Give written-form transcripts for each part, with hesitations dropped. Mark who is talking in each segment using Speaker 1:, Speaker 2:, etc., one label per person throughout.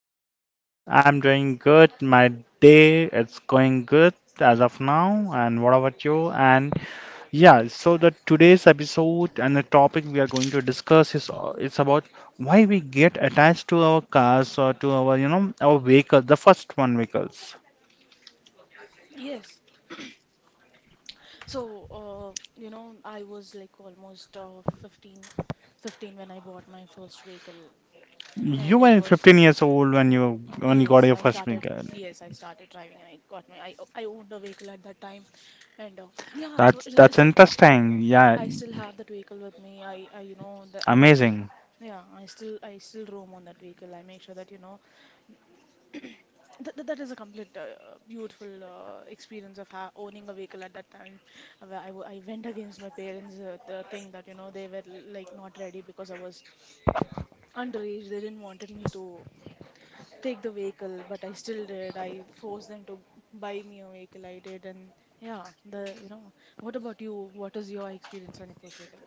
Speaker 1: been?
Speaker 2: I'm doing good. My day it's going good as of now. And what about you? And yeah, so the today's episode and the topic we are going to discuss is it's about why we get attached to our cars or to our you know our vehicles, the first one vehicles.
Speaker 1: Yes. So, you know, I was like almost uh, 15, fifteen when I bought my first vehicle,
Speaker 2: You
Speaker 1: and it
Speaker 2: were
Speaker 1: was
Speaker 2: 15 years old when you got
Speaker 1: yes,
Speaker 2: your
Speaker 1: I
Speaker 2: first
Speaker 1: started
Speaker 2: vehicle.
Speaker 1: yes, I started driving, and I got my I owned a vehicle at that time, and yeah, it, wa-
Speaker 2: That's
Speaker 1: it,
Speaker 2: that's
Speaker 1: it's a
Speaker 2: interesting. Yeah,
Speaker 1: I still have that vehicle with me. I you know that I used to
Speaker 2: amazing.
Speaker 1: yeah, I still roam on that vehicle. I make sure that you know That is a complete beautiful experience of ha owning a vehicle at that time. Where I went against my parents' the thing that, you know, they were like not ready because I was underage. They didn't wanted me to take the vehicle, but I still did. I forced them to buy me a vehicle. I did, and yeah, the you know. What about you? What is your experience on your first vehicle?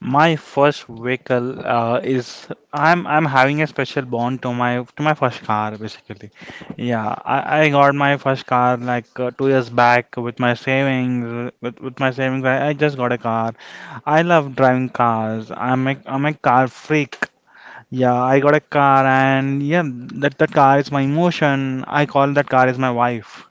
Speaker 2: My first vehicle is I'm having a special bond to my first car basically. Yeah, I got my first car like 2 years back with my savings with my savings I just got a car. I love driving cars. I'm a car freak. Yeah, I got a car and yeah, that car is my emotion. I call that car is my wife.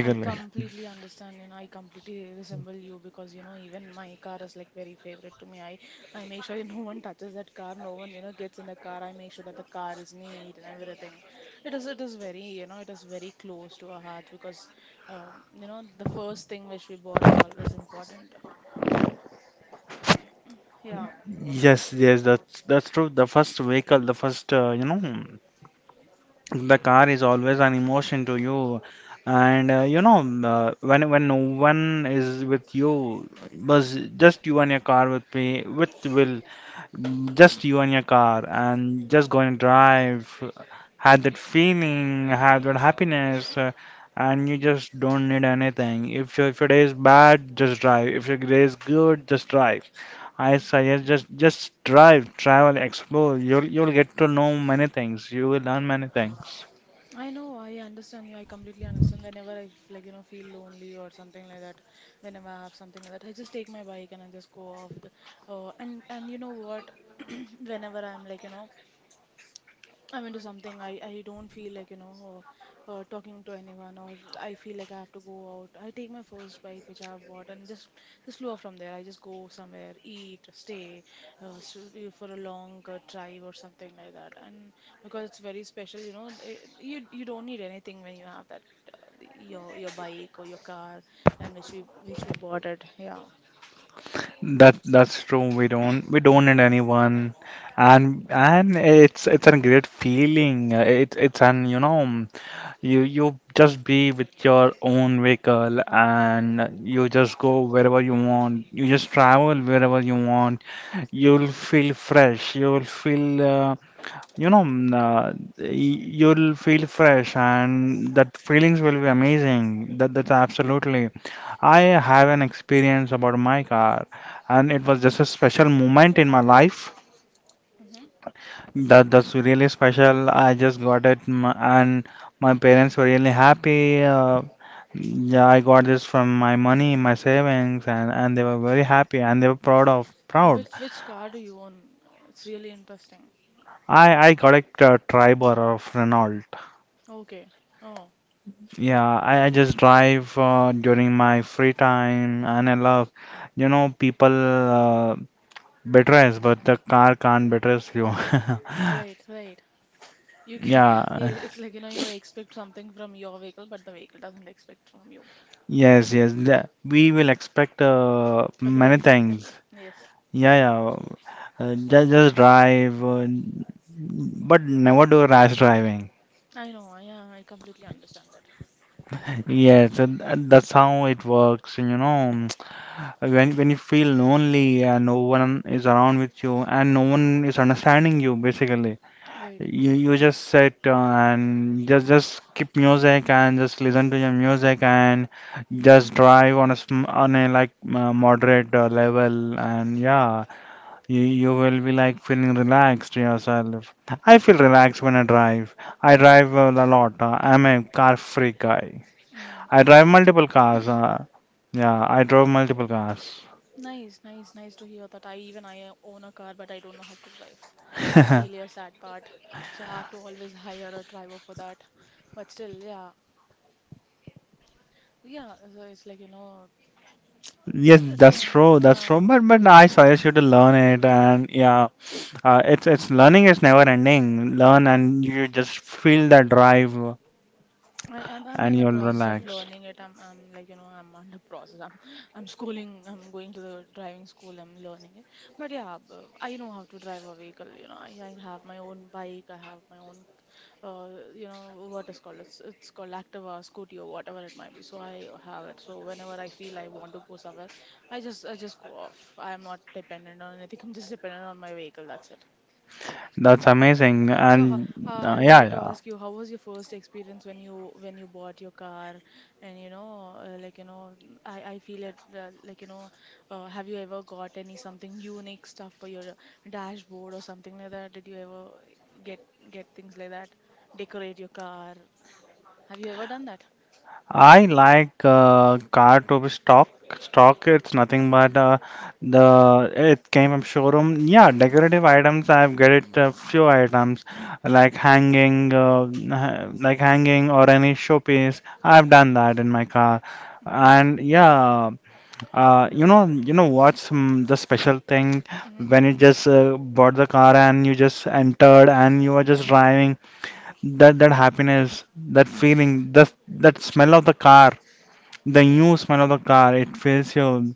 Speaker 1: I completely understand and I completely resemble you because you know even my car is like very favorite to me. I make sure no one touches that car, no one you know gets in the car. I make sure that the car is neat and everything. It is very you know it is very close to our heart because you know the first thing which we bought is always important. Yeah.
Speaker 2: yes, yes, that's true. The first vehicle, the first, you know, the car is always an emotion to you, and you know, when no one is with you, was just you and your car with me, with will, just you and your car, and just go and drive, had that feeling, had that happiness. And you just don't need anything. If your day is bad, just drive. If your day is good, just drive. I suggest just drive, travel, explore. You'll get to know many things. You will learn many things.
Speaker 1: I know, I understand you. I completely understand. Whenever like, you know, feel lonely or something like that, whenever I have something like that, I just take my bike and I just go off the, and you know what? Whenever I'm like, you know, I'm into something I don't feel like, you know, talking to anyone or I feel like I have to go out. I take my first bike which I have bought and just go off from there. I just go somewhere, eat, stay for a long drive or something like that. And because it's very special, you know, it, you don't need anything when you have that your bike or your car and which we bought it. Yeah.
Speaker 2: That's true. We don't need anyone, and it's a great feeling. It's an you just be with your own vehicle and you just go wherever you want. You just travel wherever you want. You'll feel fresh. You'll feel. You know mm, uh, you'll feel fresh and that feelings will be amazing. That's absolutely. I have an experience about my car, and it was just a special moment in my life
Speaker 1: Mm-hmm.
Speaker 2: that that's really special. I just got it and my parents were really happy. uh, yeah, I got this from my money, my savings, and they were very happy and they were proud of proud
Speaker 1: Which car do you own? It's really interesting.
Speaker 2: I got a triber of Renault.
Speaker 1: Okay. Oh,
Speaker 2: Yeah, I just drive during my free time, and I love, you know, people betray us, but the car can't betray you.
Speaker 1: right, right. You can,
Speaker 2: Yeah,
Speaker 1: yeah, it's like, you know, you expect something from your vehicle, but the vehicle doesn't expect from you
Speaker 2: yes, yes. We will expect
Speaker 1: a
Speaker 2: many
Speaker 1: lot from
Speaker 2: things.
Speaker 1: them. Yes,
Speaker 2: Yeah, yeah. Just drive, but never do rash driving.
Speaker 1: I know. Yeah, I completely understand that.
Speaker 2: Yes, and that's how it works. You know, when you feel lonely and no one is around with you and no one is understanding you, basically.
Speaker 1: Right.
Speaker 2: You just sit and just keep music and just listen to your music, and just drive on a sm on a like moderate level, and yeah, you will be like feeling relaxed yourself. I feel relaxed when I drive. I
Speaker 1: Mhm.
Speaker 2: drive a lot. I'm a car freak guy.
Speaker 1: Mm.
Speaker 2: I drive
Speaker 1: So
Speaker 2: multiple cars. Yeah, I drove multiple cars.
Speaker 1: nice, nice, nice to hear that. I even I own a car, but I don't know how to drive. That's really a sad part. So I have to always hire a driver for that. But still, yeah, yeah. So it's like you know,
Speaker 2: Yes,
Speaker 1: It's
Speaker 2: that's
Speaker 1: like,
Speaker 2: true. That's true.
Speaker 1: yeah.
Speaker 2: But I suggest you to learn it, and yeah. It's learning is never ending. Learn and you just feel the drive,
Speaker 1: I'm
Speaker 2: and
Speaker 1: in a
Speaker 2: you'll
Speaker 1: process of
Speaker 2: relax.
Speaker 1: learning it. I'm like you know I'm under process. I'm I'm schooling. I'm going to the driving school. I'm learning it. But yeah. I know how to drive a vehicle. You know, I have my own bike. I have my own, you know, what is called it's called Activa, scooty or whatever it might be. So I have it. So whenever I feel I want to go somewhere, I just go off. I'm not dependent on anything. I'm just dependent on my vehicle. That's it.
Speaker 2: That's amazing.
Speaker 1: So, ho-
Speaker 2: And
Speaker 1: uh,
Speaker 2: uh,
Speaker 1: I
Speaker 2: yeah,
Speaker 1: wanted to
Speaker 2: yeah.
Speaker 1: ask you, how was your first experience when you bought your car? And you know, like you know, I feel it like you know, have you ever got any something unique stuff for your dashboard or something like that? Did you ever get get things like that? Decorate your car? Have you ever done that?
Speaker 2: I like car to be stock. Stock, it's nothing but the it came from showroom. Yeah, decorative items. I've got it a few items like hanging or any showpiece. I've done that in my car.
Speaker 1: Mm-hmm.
Speaker 2: And yeah, you know what's the special thing
Speaker 1: Mm-hmm.
Speaker 2: when you just bought the car and you just entered and you were just driving. That happiness, that feeling, that smell of the car, the new smell of the car, it fills you.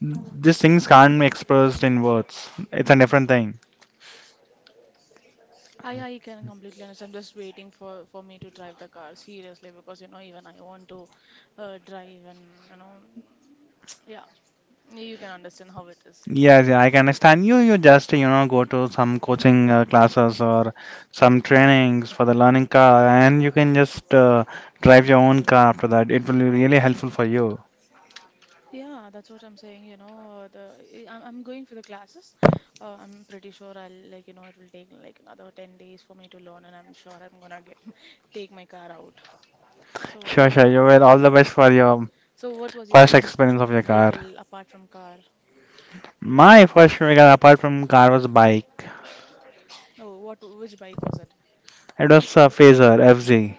Speaker 2: These things can't be expressed in words. It's a different thing.
Speaker 1: I can completely understand. I'm just waiting for me to drive the car seriously because you know even I want to drive and you know yeah You can understand how it is.
Speaker 2: Yes, yeah, I can understand you. You just, you know, go to some coaching classes or some trainings for the learning car, and you can just drive your own car after that. It will be really helpful for you.
Speaker 1: Yeah, that's what I'm saying. You know, the I'm going for the classes. I'm pretty sure I'll like you know it will take like another 10 days for me to learn, and I'm sure I'm gonna get take my car out. So
Speaker 2: Sure, sure.
Speaker 1: yeah,
Speaker 2: You well, all the
Speaker 1: yeah.
Speaker 2: best for your
Speaker 1: So what was your
Speaker 2: first
Speaker 1: first
Speaker 2: experience of your car.
Speaker 1: vehicle apart from car?
Speaker 2: My first memory car, apart from car was bike.
Speaker 1: Oh, what which bike was it?
Speaker 2: It was a Phaser FZ.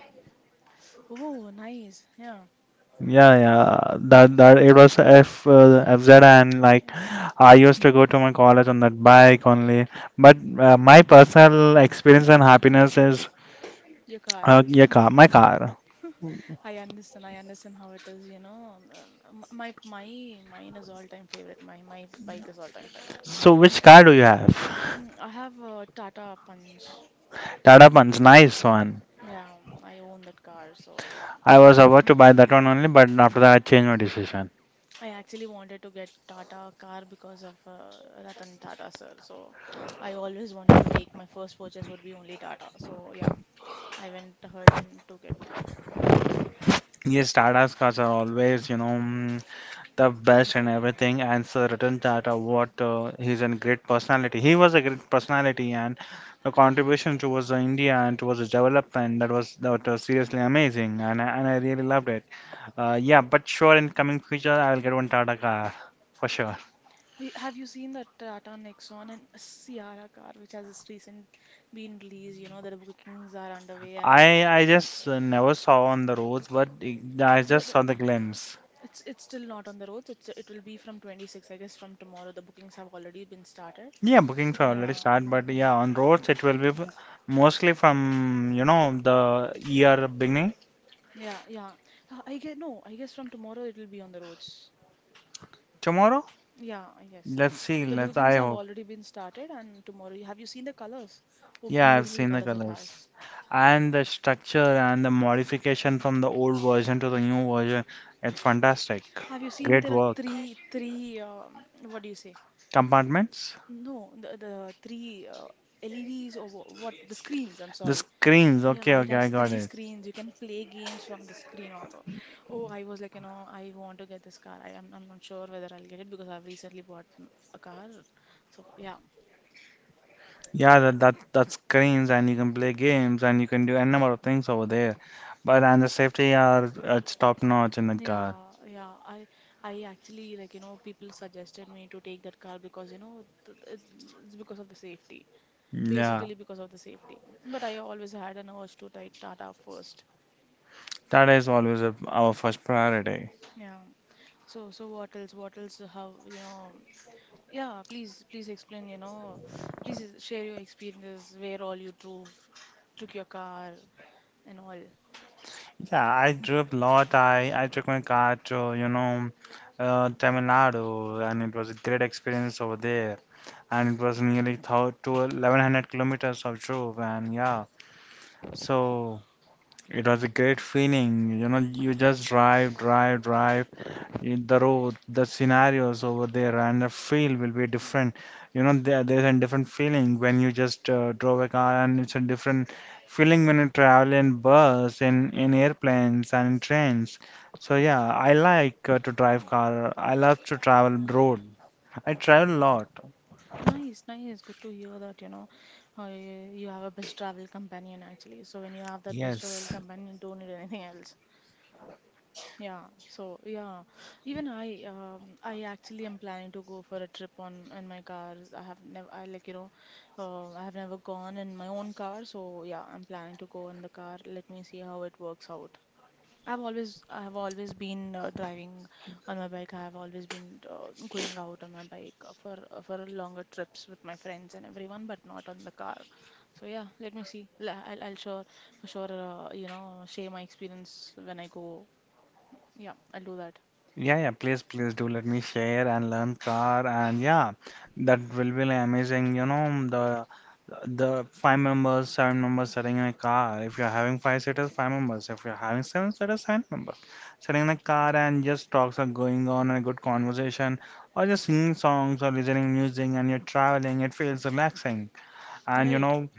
Speaker 1: Oh, nice. Yeah.
Speaker 2: Yeah, yeah. That that it was F FZ, and
Speaker 1: Yeah,
Speaker 2: like I used to go to my college on that bike only. But my personal experience and happiness is
Speaker 1: Your car.
Speaker 2: my car.
Speaker 1: I understand. I understand how it is, you know. My my mine is all time favorite. My bike is all time favorite.
Speaker 2: So which car do you have?
Speaker 1: Mm, I have a Tata Punch.
Speaker 2: Tata Punch, nice one.
Speaker 1: Yeah, I own that car, so yeah, I
Speaker 2: I
Speaker 1: have.
Speaker 2: was about to buy that one only, but after that I changed my decision.
Speaker 1: I actually wanted to get Tata car because of Ratan Tata sir. So I always wanted to take my first purchase would be only Tata. So yeah, I went ahead and took it.
Speaker 2: Yes, Tata's cars are always, you know, the best and everything. And Sir Ratan Tata, what he's a great personality. He was a great personality, and the contribution towards the India and towards the development, that was seriously amazing, and I really loved it. Yeah, but sure, in coming future, I will get one Tata car for sure.
Speaker 1: Have you seen that Tata Nexon and Sierra car, which has just recent been released? You know that the bookings are underway and
Speaker 2: I I just never saw on the roads, but I just
Speaker 1: the
Speaker 2: saw the glimpse.
Speaker 1: It's still not on the roads. It's it will be from 26, I guess, from tomorrow. The bookings have already been started.
Speaker 2: Yeah, bookings are already
Speaker 1: Yeah.
Speaker 2: start, but
Speaker 1: Um,
Speaker 2: yeah, on roads it will be mostly from you know the year beginning
Speaker 1: yeah, yeah. I guess no, I guess from tomorrow it will be on the roads.
Speaker 2: tomorrow.
Speaker 1: Yeah, I guess.
Speaker 2: Let's see.
Speaker 1: The
Speaker 2: Let's.
Speaker 1: bookings
Speaker 2: I
Speaker 1: have
Speaker 2: hope.
Speaker 1: already been started and tomorrow have you seen the colors? Oh,
Speaker 2: Yeah, I've
Speaker 1: beautiful
Speaker 2: seen the
Speaker 1: colors it
Speaker 2: colors
Speaker 1: has.
Speaker 2: and the structure and the modification from the old version to the new version. It's fantastic.
Speaker 1: Have you seen
Speaker 2: Great
Speaker 1: there are
Speaker 2: work.
Speaker 1: three what do you say?
Speaker 2: Compartments.
Speaker 1: No, the three LEDs or what the screens, I'm
Speaker 2: The
Speaker 1: sorry.
Speaker 2: screens. Okay,
Speaker 1: Yeah, it
Speaker 2: okay, I
Speaker 1: has
Speaker 2: got
Speaker 1: three
Speaker 2: it.
Speaker 1: screens. You can play games from the screen also. Oh, I was like, you know, I want to get this car. I'm not sure whether I'll get it because I've recently bought a car. So yeah, Uh,
Speaker 2: Yeah,
Speaker 1: uh,
Speaker 2: that screens, and you can play games and you can do a number of things over there. But and the safety are it's top notch in the car.
Speaker 1: yeah, yeah. I actually like, you know, people suggested me to take that car because you know it's because of the safety
Speaker 2: Yeah,
Speaker 1: basically because of the safety. But I always had an urge to take Tata first.
Speaker 2: that is always a, our first priority.
Speaker 1: Yeah. So so what else? What else? How you know? Yeah. Please please explain. You know, share your experiences. Where all you drove, took your car and all.
Speaker 2: Yeah, I drove a lot. I took my car to, you know, Tamil Nadu, and it was a great experience over there. And it was nearly thou- to 1100 kilometers of drove, and yeah, so it was a great feeling. You know, you just drive, drive, drive the road, the scenarios over there, and the feel will be different. You know, there's a different feeling when you just drove a car, and it's a different feeling when you travel in bus, in airplanes, and in trains. So yeah, I like to drive car. I love to travel road. I travel a lot.
Speaker 1: Nice, nice. Good to hear that. You know, you have a best travel companion actually. So when you have that best travel
Speaker 2: Yes.
Speaker 1: companion, you don't need anything else. Yeah, so yeah, even I actually am planning to go for a trip on in my car. I have never, I like you know, I have never gone in my own car, so yeah, I'm planning to go in the car. Let me see how it works out. I've always, I have always been driving on my bike. I have always been going out on my bike for for longer trips with my friends and everyone, but not on the car. So yeah, let me see. I'll sure for sure, you know, share my experience when I go yeah, I'll do that.
Speaker 2: Yeah, yeah, please, please do let me share and learn car, and yeah, that will be like amazing. You know, the five members, seven members sitting in a car. If you're having five seaters, five members. If you're having seven seaters, seven members. Sitting in a car and just talks are going on and a good conversation, or just singing songs or listening music and you're traveling, it feels relaxing, and you
Speaker 1: Right.
Speaker 2: know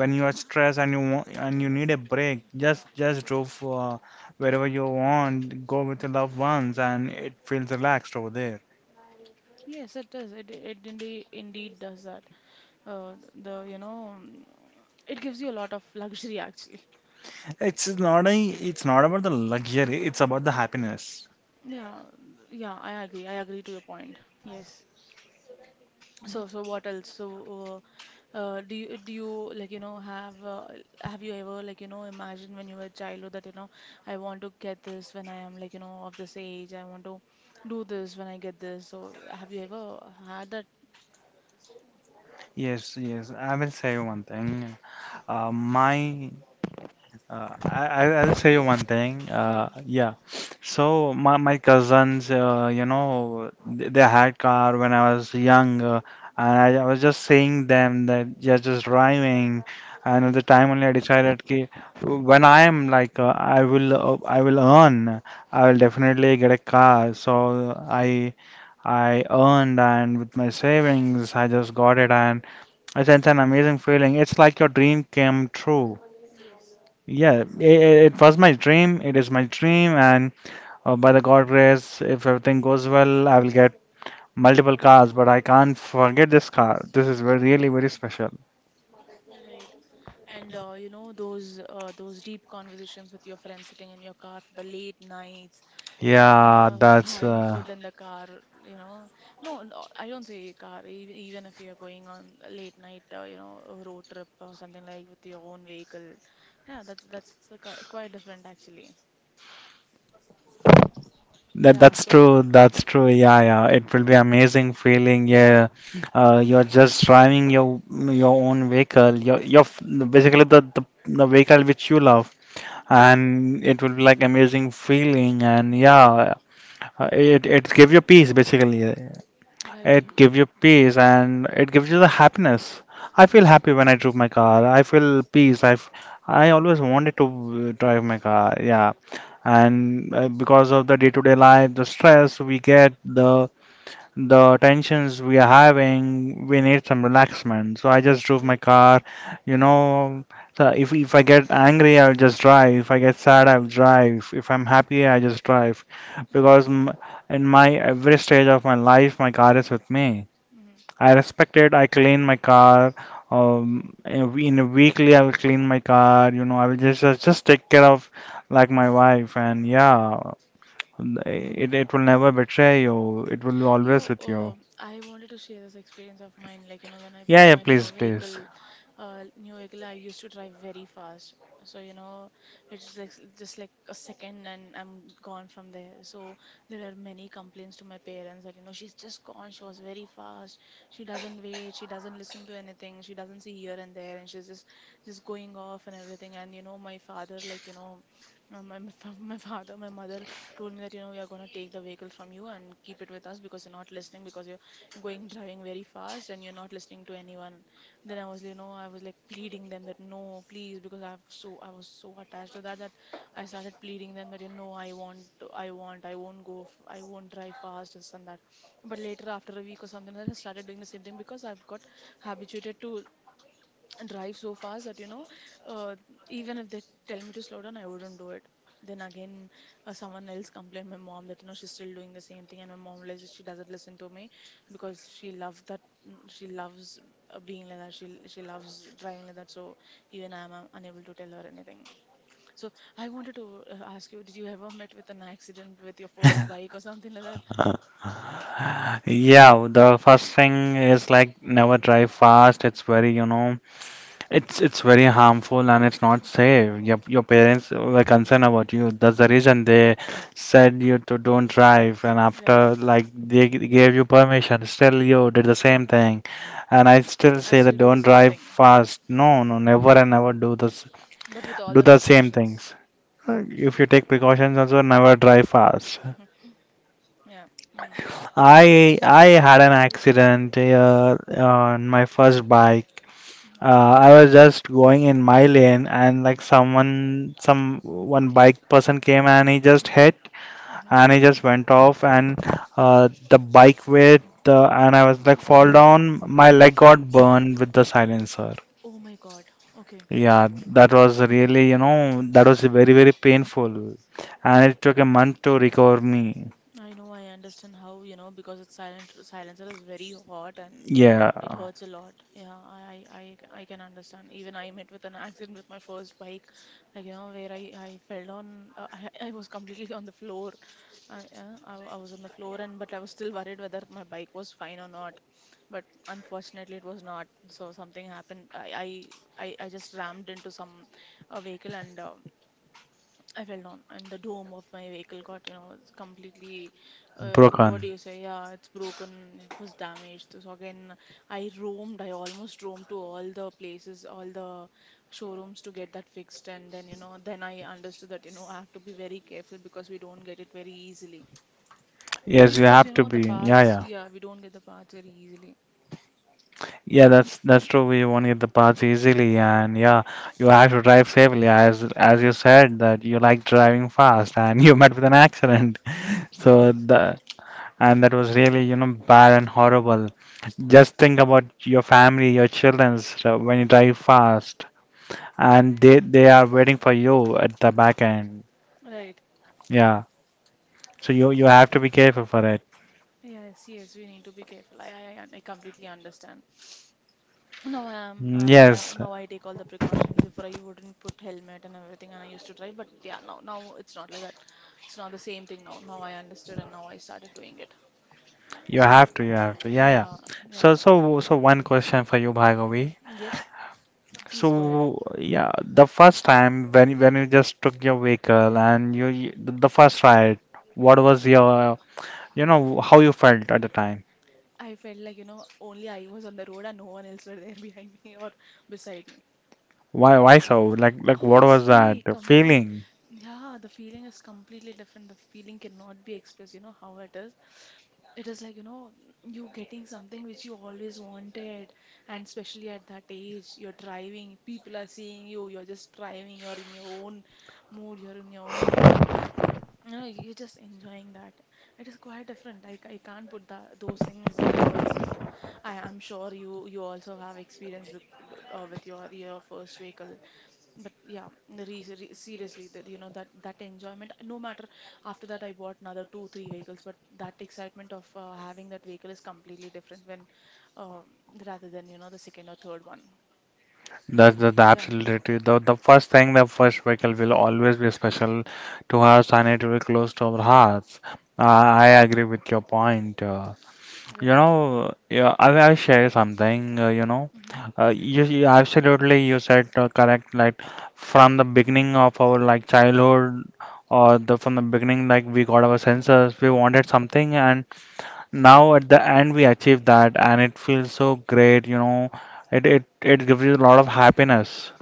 Speaker 2: when you are stressed and you want, and you need a break, just drove wherever you want go with your loved ones, and it feels relaxed over there.
Speaker 1: Yes, it does. It indeed indeed does that. The you know, mm, it gives you a lot of luxury actually.
Speaker 2: it's not a it's not about the luxury, it's about the happiness.
Speaker 1: Yeah, yeah, I agree. I agree to your point. Yes. So so what else? So do you like you know have you ever like you know imagined when you were a childhood that you know I want to get this when I am like you know of this age. I want to do this when I get this. So have you ever had that?
Speaker 2: Yes yes I will say one thing. uh, my I'll say you one thing.
Speaker 1: Yeah.
Speaker 2: Yeah. So my cousins, you know, they had car when I was young, and I was just saying them that you're just driving. And at the time only I decided ki, when I am like I will earn, I will definitely get a car. So I earned, and with my savings I just got it, and it's an amazing feeling. It's like your dream came true.
Speaker 1: Yes.
Speaker 2: Yeah, I It was my dream. It is my dream, and by the God grace, if everything goes well, I will get multiple cars. But I can't forget this car. This is very, really very special.
Speaker 1: Right. And you know those deep conversations with your friends sitting in your car for the late nights, you
Speaker 2: Yeah,
Speaker 1: know, with
Speaker 2: that's
Speaker 1: having
Speaker 2: uh,
Speaker 1: food in the car, you know. No, no, I don't say car. Even even if you're going on a late night, you know, a road trip or something like with your own vehicle, yeah, that's quite different actually. Yeah.
Speaker 2: that's
Speaker 1: So
Speaker 2: true. That's true. Yeah, yeah. It will be amazing feeling. Yeah, you're just driving your own vehicle. Basically the vehicle which you love,
Speaker 1: yes,
Speaker 2: and it will be like amazing feeling. And yeah, it gives you peace basically.
Speaker 1: right.
Speaker 2: It gives you peace, and it gives you the happiness. I feel happy when I drove my car. I feel peace. I always wanted to drive my car. Yeah, and because of the day-to-day life, the stress we get, the tensions we are having, we need some relaxment. So I just drove my
Speaker 1: Right.
Speaker 2: car. You know, so if I get angry, I'll just drive. If I get sad,
Speaker 1: Mhm.
Speaker 2: I'll drive. If I'm happy, I just drive, because m in my every stage of my life, my car is with me.
Speaker 1: Mhm. Mhm.
Speaker 2: I respect it. I clean my car. In a weekly, I will clean my car. You know, I will just take care of like my wife, and yeah, it will never betray you. It will be always
Speaker 1: You,
Speaker 2: with you.
Speaker 1: uh, I wanted to share this experience of mine. Like, you know, when I
Speaker 2: Yeah,
Speaker 1: bought
Speaker 2: yeah,
Speaker 1: my
Speaker 2: please, please.
Speaker 1: new vehicle, I used to drive very fast. So, you know, it's like just like a second and I'm gone from there. So there are many complaints to my parents that, you know, she's just gone. She was very fast. She doesn't wait. She doesn't listen to anything. She doesn't see here and there. And she's just going off and everything. And, my father, like, my father, my mother told me that we are going to take the vehicle from you and keep it with us because you're not listening, because you're going driving very fast and you're not listening to anyone. Then I was like pleading them that no, please, because I have, so I was so attached to that that I started pleading them that I want, I won't drive fast, this and that. But later, after a week or something like that, I started doing the same thing because I've got habituated to drive so fast that, uh, even if they tell me to slow down, I wouldn't do it. Then again, someone else complained my mom that she's still doing the same thing, and my mom realizes she doesn't listen to me because she loves that. She loves being like that. She loves driving like that. So even I'm unable to tell her anything. So I wanted to ask you, did you ever met with an accident with your first bike or something like that?
Speaker 2: Yeah, the first thing is like never drive fast. It's very, It's very harmful and it's not safe. Your parents were concerned about you. That's the reason they said you to don't drive. And after
Speaker 1: Right.
Speaker 2: like they gave you permission, still you did the same thing. And I still
Speaker 1: I
Speaker 2: say that
Speaker 1: still do the
Speaker 2: don't
Speaker 1: same
Speaker 2: drive
Speaker 1: thing,
Speaker 2: fast. No, no, never and never do this.
Speaker 1: but with all
Speaker 2: Do
Speaker 1: the
Speaker 2: the same
Speaker 1: precautions.
Speaker 2: things. If you take precautions, also never drive fast.
Speaker 1: Yeah. Mm.
Speaker 2: I had an accident on my first bike. I was just going in my lane and like someone, some one bike person came and he just hit
Speaker 1: Hmm.
Speaker 2: and he just went off and the bike weight and I was like fall down. My leg got burned with the silencer.
Speaker 1: Oh my God. Okay.
Speaker 2: Yeah, that was really, that was very, very painful. And it took a month to recover me.
Speaker 1: I know. I understand how, because it's silent. Silencer is very hot, and it
Speaker 2: Yeah,
Speaker 1: hurts a lot. Yeah, I can understand. Even I met with an accident with my first bike, like, where I fell down. I, I was completely on the floor. I was on the floor, and but I was still worried whether my bike was fine or not. But unfortunately, it was not. So something happened. I just rammed into some a vehicle, and I fell down, and the dome of my vehicle got, completely. What
Speaker 2: broken.
Speaker 1: do you say? Yeah, it's broken. It was damaged. So again, I roamed. I almost roamed to all the places, all the showrooms to get that fixed. And then I understood that, I have to be very careful because we don't get it very easily. Yeah,
Speaker 2: Yes, you
Speaker 1: because,
Speaker 2: have to
Speaker 1: the
Speaker 2: be. Yeah,
Speaker 1: parts.
Speaker 2: yeah.
Speaker 1: Yeah, we don't get the parts very easily.
Speaker 2: Yeah, that's true. We won't get the parts easily, and yeah, you have to drive safely, as you said that you like driving fast, and you met with an accident. So
Speaker 1: Yes,
Speaker 2: the
Speaker 1: I.
Speaker 2: and that was really you know bad and horrible. Just think about your family, your children, so when you drive fast, and they are waiting for you at the back end.
Speaker 1: Right.
Speaker 2: Yeah, so you have to be careful for it.
Speaker 1: Yes, yes, we need to be careful. I completely understand. Now I am,
Speaker 2: Mm,
Speaker 1: now,
Speaker 2: yes,
Speaker 1: now I take all the precautions. Before I wouldn't put helmet and everything, and I used to drive. But yeah, now it's not like that. It's not the same thing now. Now I understood, and now I started doing it.
Speaker 2: you
Speaker 1: So
Speaker 2: have to, you have to. Yeah, yeah.
Speaker 1: yeah,
Speaker 2: So
Speaker 1: yeah.
Speaker 2: so so one question for you,
Speaker 1: Hmm.
Speaker 2: Bhargavi.
Speaker 1: Yes, please go ahead.
Speaker 2: So yeah, the first time when you just took your vehicle and the first ride, what was your you know how you felt at the time?
Speaker 1: I felt like, only I was on the road and no one else were there behind me or beside me.
Speaker 2: Why so? Like what was that
Speaker 1: Obviously, come on.
Speaker 2: feeling?
Speaker 1: Yeah, the feeling is completely different. The feeling cannot be expressed, you know how it is. It is like, you getting something which you always wanted, and especially at that age, you're driving, people are seeing you, you're just driving, you're in your own mood, you're in your own, no, you're just enjoying that. It is quite different. I can't put that, those things in words. I am sure you also have experience with your first vehicle. But yeah, seriously, that, that enjoyment. No matter after that, I bought another two, three vehicles. But that excitement of having that vehicle is completely different when, uh, rather than, the second or third one.
Speaker 2: That's
Speaker 1: So
Speaker 2: the
Speaker 1: yeah,
Speaker 2: absolutely the first thing, the first vehicle will always be special to us and it will be close to our hearts. I agree with your point. You
Speaker 1: right.
Speaker 2: know, yeah, I will share something.
Speaker 1: Mm-hmm.
Speaker 2: You, you absolutely you said correct. Like from the beginning of our like childhood, or the from the beginning, like we got our senses, we wanted something, and now at the end we achieved that, and it feels so great. You know, it gives you a lot of happiness.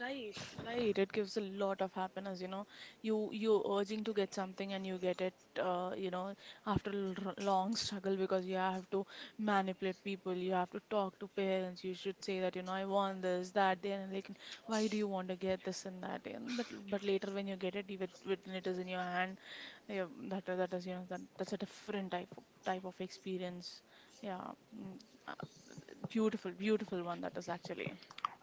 Speaker 1: Right, right. It gives a lot of happiness, you know. You urging to get something and you get it, uh, you know, after a long struggle because you have to manipulate people, you have to talk to parents. You should say that, I want this, that, then, and like, why do you want to get this and that? And but later when you get it, even when it is in your hand, yeah, that is, that's a different type of experience. Yeah, mm, uh, beautiful, beautiful one that is actually.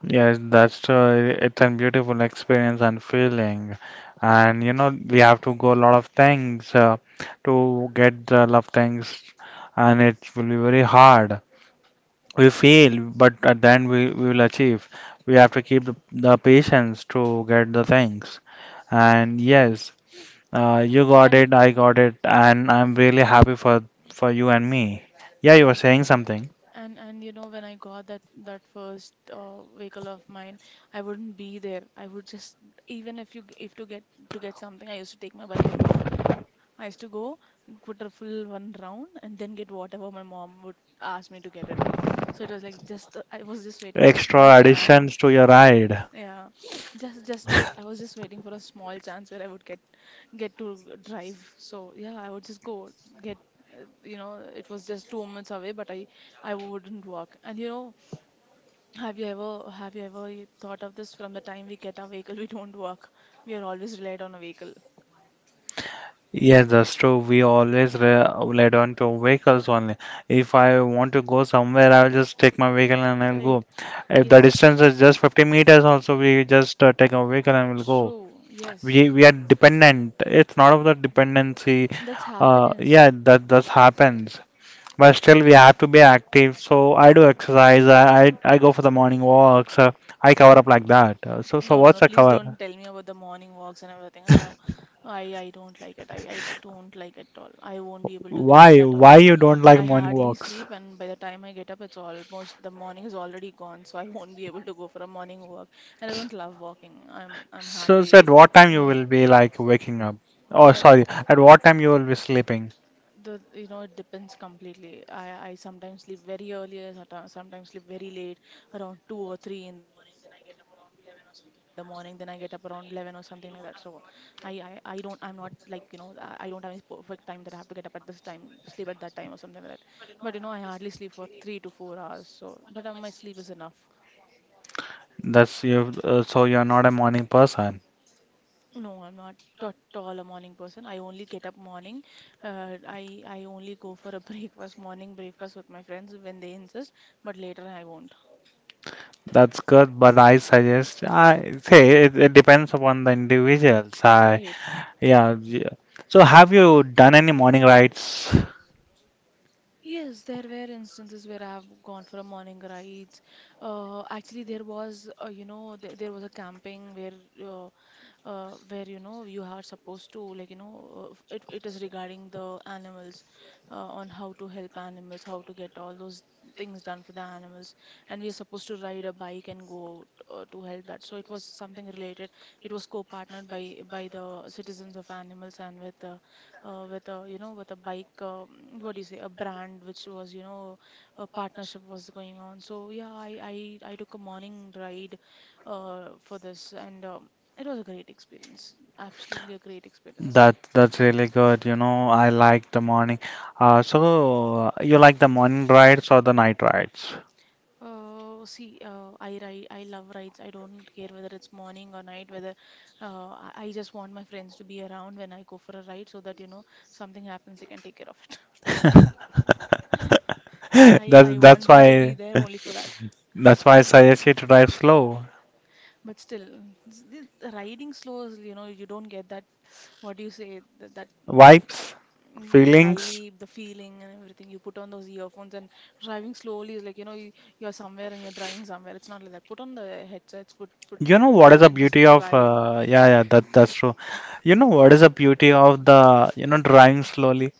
Speaker 2: Yes, that's it's a beautiful experience and feeling, and you know we have to go a lot of things to get the love things and it will be very hard. We fail, but at the end we will achieve. We have to keep the patience to get the things. And yes, you got it,
Speaker 1: And
Speaker 2: I got it, and I'm really happy for you and me. Yeah, you were
Speaker 1: yeah.
Speaker 2: saying something.
Speaker 1: And, when I got that first vehicle of mine, I wouldn't be there. I would just, even if you if to get something, I used to take my bike and go off. I used to go put a full one round and then get whatever my mom would ask me to get it. So it was like just, I was just waiting for a small
Speaker 2: Extra
Speaker 1: chance.
Speaker 2: additions to your ride.
Speaker 1: Yeah, just I was just waiting for a small chance where I would get to drive. So yeah, I would just go get you know it was just 2 minutes away, but I wouldn't walk. And, have you ever thought of this? From the time we get our vehicle, we don't walk. We are always relied on a vehicle,
Speaker 2: Yes, that's true. We always re rely on to vehicles only. If I want to go somewhere, I will just take my vehicle and I'll
Speaker 1: right?
Speaker 2: go. If the
Speaker 1: Yes,
Speaker 2: distance is just 50 meters, also we just take a vehicle and we'll go.
Speaker 1: true. Yes,
Speaker 2: We are dependent. It's not of the dependency.
Speaker 1: that's
Speaker 2: Yeah,
Speaker 1: happiness.
Speaker 2: that that happens. But still, we have to be active. So I do exercise. I go for the morning walks. I cover up like that. So
Speaker 1: No, no, no.
Speaker 2: what's a
Speaker 1: Please don't
Speaker 2: cover?
Speaker 1: tell me about the morning walks and everything. I don't like it. I don't like it at all. I won't be able to get up
Speaker 2: Why
Speaker 1: that
Speaker 2: why
Speaker 1: early.
Speaker 2: you don't like
Speaker 1: I
Speaker 2: morning
Speaker 1: hardly
Speaker 2: walks?
Speaker 1: sleep, and by the time I get up, it's almost the morning is already gone. So I won't be able to go for a morning walk. And I don't love walking. I'm
Speaker 2: So at
Speaker 1: happy.
Speaker 2: what time you
Speaker 1: Uh,
Speaker 2: will be like waking up? Oh,
Speaker 1: uh,
Speaker 2: sorry. At what time you will be sleeping?
Speaker 1: It depends completely. I sometimes sleep very early, I sometimes sleep very late, around 2 or 3 in the morning. Then I get up around 11 or something like that. So I don't, I'm not like, I don't have any perfect time that I have to get up at this time, sleep at that time or something like that. But, I hardly sleep for 3 to 4 hours. So, but my sleep is enough.
Speaker 2: That's you. So you're not a morning person.
Speaker 1: No, I'm not at all a morning person. I only get up morning. I only go for a breakfast, morning breakfast with my friends when they insist, but later I won't.
Speaker 2: That's good, but I suggest I say it, it depends upon the individuals.
Speaker 1: I
Speaker 2: I
Speaker 1: hate.
Speaker 2: yeah, yeah. So have you done any morning rides?
Speaker 1: Yes, there were instances where I have gone for a morning rides. Actually, there was, there was a camping where, where, you are supposed to like, it is regarding the animals, on how to help animals, how to get all those things done for the animals, and we are supposed to ride a bike and go, to help that, so it was something related. It was co-partnered by the citizens of animals and with the, with a, with a bike, what do you say, a brand which was, a partnership was going on. So yeah, I took a morning ride, for this, and, it was a great experience. Absolutely a great experience.
Speaker 2: That that's really good. You know, I like the morning. So you like the morning rides or the night rides?
Speaker 1: See, I love rides. I don't care whether it's morning or night, whether I just want my friends to be around when I go for a ride so that, something happens, they can take care of it. I
Speaker 2: That's
Speaker 1: want
Speaker 2: that's
Speaker 1: them to be
Speaker 2: why
Speaker 1: there only for that.
Speaker 2: that's why I suggest you to drive slow.
Speaker 1: But still, the riding slows, you don't get that, what do you say, that, uh,
Speaker 2: Vibes,
Speaker 1: mm, the
Speaker 2: feelings.
Speaker 1: vibe, the feeling, and everything. You put on those earphones, and driving slowly is like, you're somewhere and you're driving somewhere. It's not like that. Put on the headsets, put put
Speaker 2: You
Speaker 1: good
Speaker 2: know what is
Speaker 1: music,
Speaker 2: the
Speaker 1: and just
Speaker 2: beauty of
Speaker 1: drive,
Speaker 2: yeah yeah that that's true. You know what is the beauty of the you know driving slowly?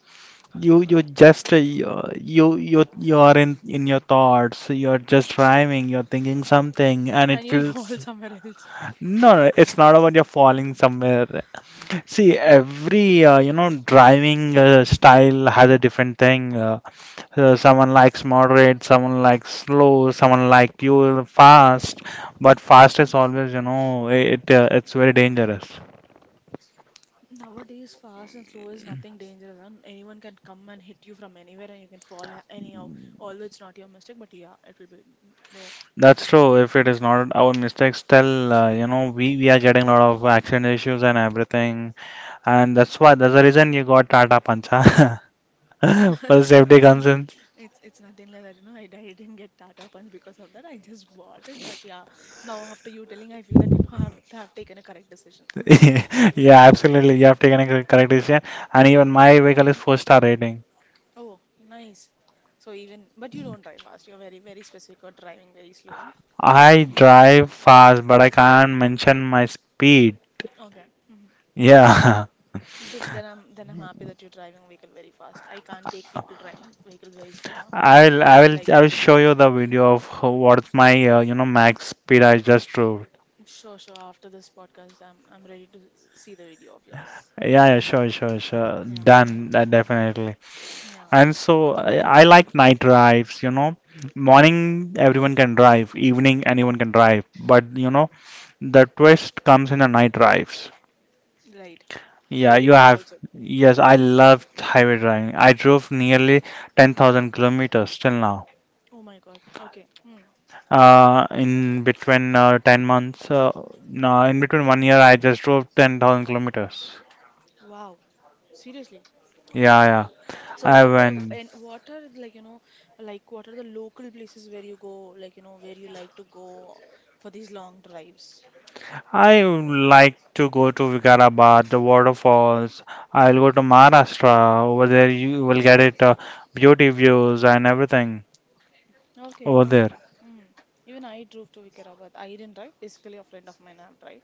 Speaker 2: You just you you are in your thoughts. You are just rhyming. You're thinking something, and it
Speaker 1: and you'll fall
Speaker 2: feels
Speaker 1: somewhere else.
Speaker 2: no, no. It's not about you're falling somewhere. See, every you know driving style has a different thing. Someone likes moderate, someone likes slow, someone like you fast. But fast is always you know it it's very dangerous.
Speaker 1: Nowadays, fast and slow is nothing dangerous, and anyone can come and hit you from anywhere, and you can fall anyhow. Although it's not your mistake, but yeah, it will be there.
Speaker 2: That's true. If it is not our mistakes, still, you know, we are getting a lot of accident issues and everything. And that's why, that's the reason you got Tata Pancha for the safety
Speaker 1: It's not,
Speaker 2: concerns.
Speaker 1: it's nothing like that. You know, I didn't get Tata Punch because of that. I just bought it, but yeah, now after you telling, I feel that, have taken a correct decision.
Speaker 2: Yeah, absolutely. You have taken a correct decision. And
Speaker 1: Mm.
Speaker 2: even my vehicle is four-star rating.
Speaker 1: Oh, nice. So even, but you don't drive fast. You're very, very specific or driving very slow.
Speaker 2: I drive fast, but I can't mention my speed.
Speaker 1: Okay. Hmm.
Speaker 2: Yeah.
Speaker 1: Then I'm happy that you're driving vehicle very fast. I can't take people driving vehicle very slow, huh? I don't like
Speaker 2: I
Speaker 1: it.
Speaker 2: will show you the video of what's my, you know, max speed I just drove.
Speaker 1: Sure, sure. After this podcast, I'm ready to see the video of yours.
Speaker 2: Yeah, yeah, sure, sure, sure.
Speaker 1: Yeah, yeah,
Speaker 2: Done, that definitely.
Speaker 1: yeah.
Speaker 2: And so I like night drives, you know. Morning, everyone can drive, evening, anyone can drive. But, you know, the twist comes in the night drives.
Speaker 1: Right.
Speaker 2: Yeah, you
Speaker 1: Highways
Speaker 2: have.
Speaker 1: also.
Speaker 2: Yes, I loved highway driving. I drove nearly 10,000 kilometers till now.
Speaker 1: Oh my God. Okay. Hmm.
Speaker 2: In between 10 months, no, in between 1 year, I just drove 10,000 kilometers.
Speaker 1: Wow. Seriously.
Speaker 2: Yeah, yeah.
Speaker 1: So
Speaker 2: I went.
Speaker 1: what are, like, like, what are the local places where you go, like, where you like to go for these long drives?
Speaker 2: I would like to go to Vikarabad, the waterfalls. I'll go
Speaker 1: Mm-hmm.
Speaker 2: to Maharashtra. Over there, you will get it beauty views and everything
Speaker 1: Okay,
Speaker 2: over there.
Speaker 1: okay. Hmm. Even I drove to Vikarabad. I didn't drive. Basically, a friend of mine have drive,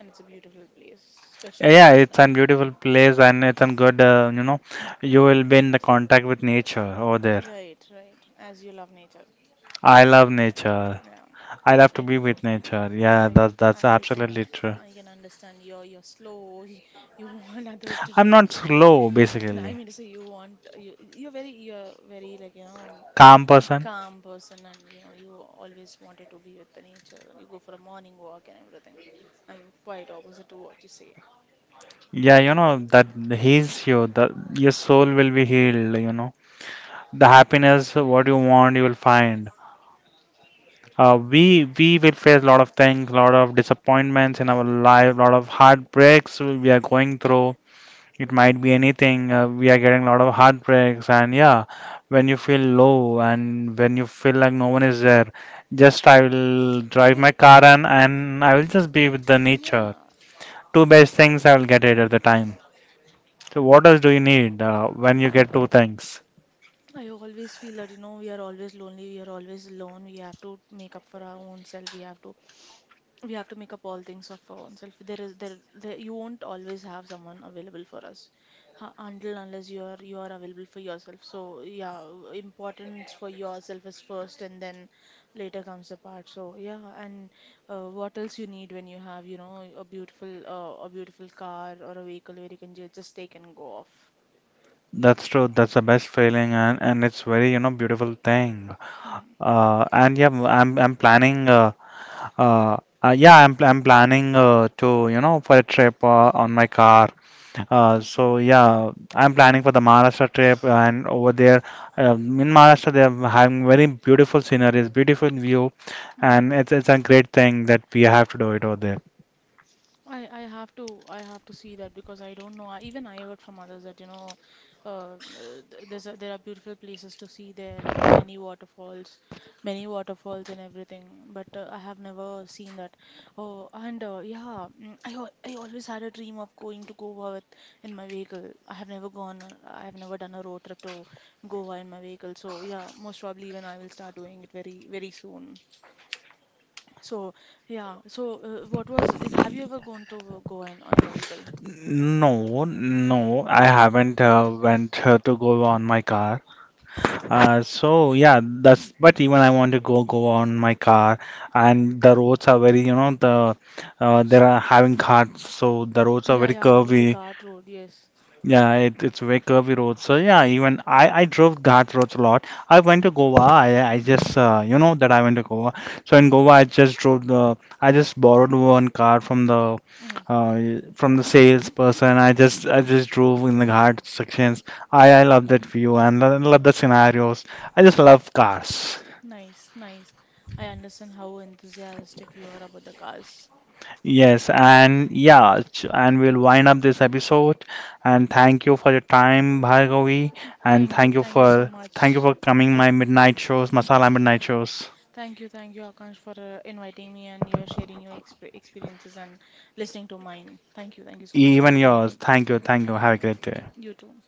Speaker 1: and it's a beautiful place, especially in the
Speaker 2: Yeah, it's a
Speaker 1: midnight.
Speaker 2: beautiful place and it's a good, you know, you will be in the contact with nature over there.
Speaker 1: Right, right. As you love nature.
Speaker 2: I love nature.
Speaker 1: Yeah.
Speaker 2: I love to
Speaker 1: I
Speaker 2: be
Speaker 1: can.
Speaker 2: with nature. Yeah,
Speaker 1: Right.
Speaker 2: that, that's
Speaker 1: I can
Speaker 2: absolutely true.
Speaker 1: I can understand you're, slow. You want others to
Speaker 2: I'm
Speaker 1: drive
Speaker 2: not
Speaker 1: slow.
Speaker 2: slow,
Speaker 1: No, I
Speaker 2: basically.
Speaker 1: mean to say, you want, you're very, like,
Speaker 2: Calm person.
Speaker 1: calm person, and, you always wanted to be with the nature, and you go for a morning walk and everything. I'm quite opposite to what you say.
Speaker 2: Yeah, you know that heals you. The, your soul will be healed. You know. The happiness what you want you will find. We will face a lot of things, a lot of disappointments in our life, a lot of heartbreaks we are going through. It might be anything. We are getting a lot of heartbreaks, and yeah, when you feel low and when you feel like no one is there, just I will
Speaker 1: I
Speaker 2: drive
Speaker 1: feel,
Speaker 2: my car,
Speaker 1: uh,
Speaker 2: and I will just be with the nature.
Speaker 1: yeah,
Speaker 2: Two best things I will get it at the time. So what else do you need when you get two things?
Speaker 1: I always feel that, we are always lonely, we are always alone. We have to make up for our own self. We have to make up all things of our own self. There is there, you won't always have someone available for us, until unless you are, available for yourself. So yeah, importance for yourself is first, and then later comes the part. So yeah, and, what else you need when you have, a beautiful car or a vehicle where you can just take and go off.
Speaker 2: That's true. That's the best feeling, and it's very you know beautiful thing.
Speaker 1: Hmm.
Speaker 2: And yeah, I'm planning. Uh, yeah, I'm planning to you know for a trip on my car.
Speaker 1: Okay.
Speaker 2: So yeah, I'm planning for the Maharashtra trip, and over there, in Maharashtra, they're having very beautiful sceneries, beautiful view,
Speaker 1: Mm-hmm.
Speaker 2: and it's a great thing that we have to do it over there.
Speaker 1: I have to see that because I don't know. Even I heard from others that, uh, uh, there are beautiful places to see there, many waterfalls, many waterfalls and everything. But I have never seen that. Oh, and, yeah, I always had a dream of going to Goa with in my vehicle. I have never gone. I have never done a road trip to Goa in my vehicle. So yeah, most probably even I will start doing it very, very soon. So, yeah. So, what was it? Have you ever gone to go in on a vehicle?
Speaker 2: No, no, I haven't went to go on my car. So yeah, that's but even I want to go on my car, and the roads are very you know the
Speaker 1: S-
Speaker 2: there are having cars, so the roads are
Speaker 1: Yeah,
Speaker 2: very
Speaker 1: yeah. It's a
Speaker 2: curvy,
Speaker 1: Ghat road. Yes.
Speaker 2: yeah, it's very curvy road. So yeah, even I drove that roads a lot. I went to Goa. I just you know that I went to Goa. So in Goa, I just drove the. I just borrowed one car
Speaker 1: Hmm.
Speaker 2: uh, from the salesperson. I just drove in the hard sections. I love that view and I love the scenarios. I just love cars.
Speaker 1: Nice, nice. I understand how enthusiastic you are about the cars.
Speaker 2: Yes, and yeah, and we'll wind up this episode. And thank you for your time, Bhargavi, and
Speaker 1: Thank you so
Speaker 2: thank you
Speaker 1: much.
Speaker 2: for coming my midnight shows, masala midnight shows,
Speaker 1: Thank you, Akash, for inviting me and you're sharing your experiences and listening to mine. Thank you so much. Have
Speaker 2: even
Speaker 1: a great
Speaker 2: yours.
Speaker 1: day.
Speaker 2: Thank you, thank you. Have a great day.
Speaker 1: You too.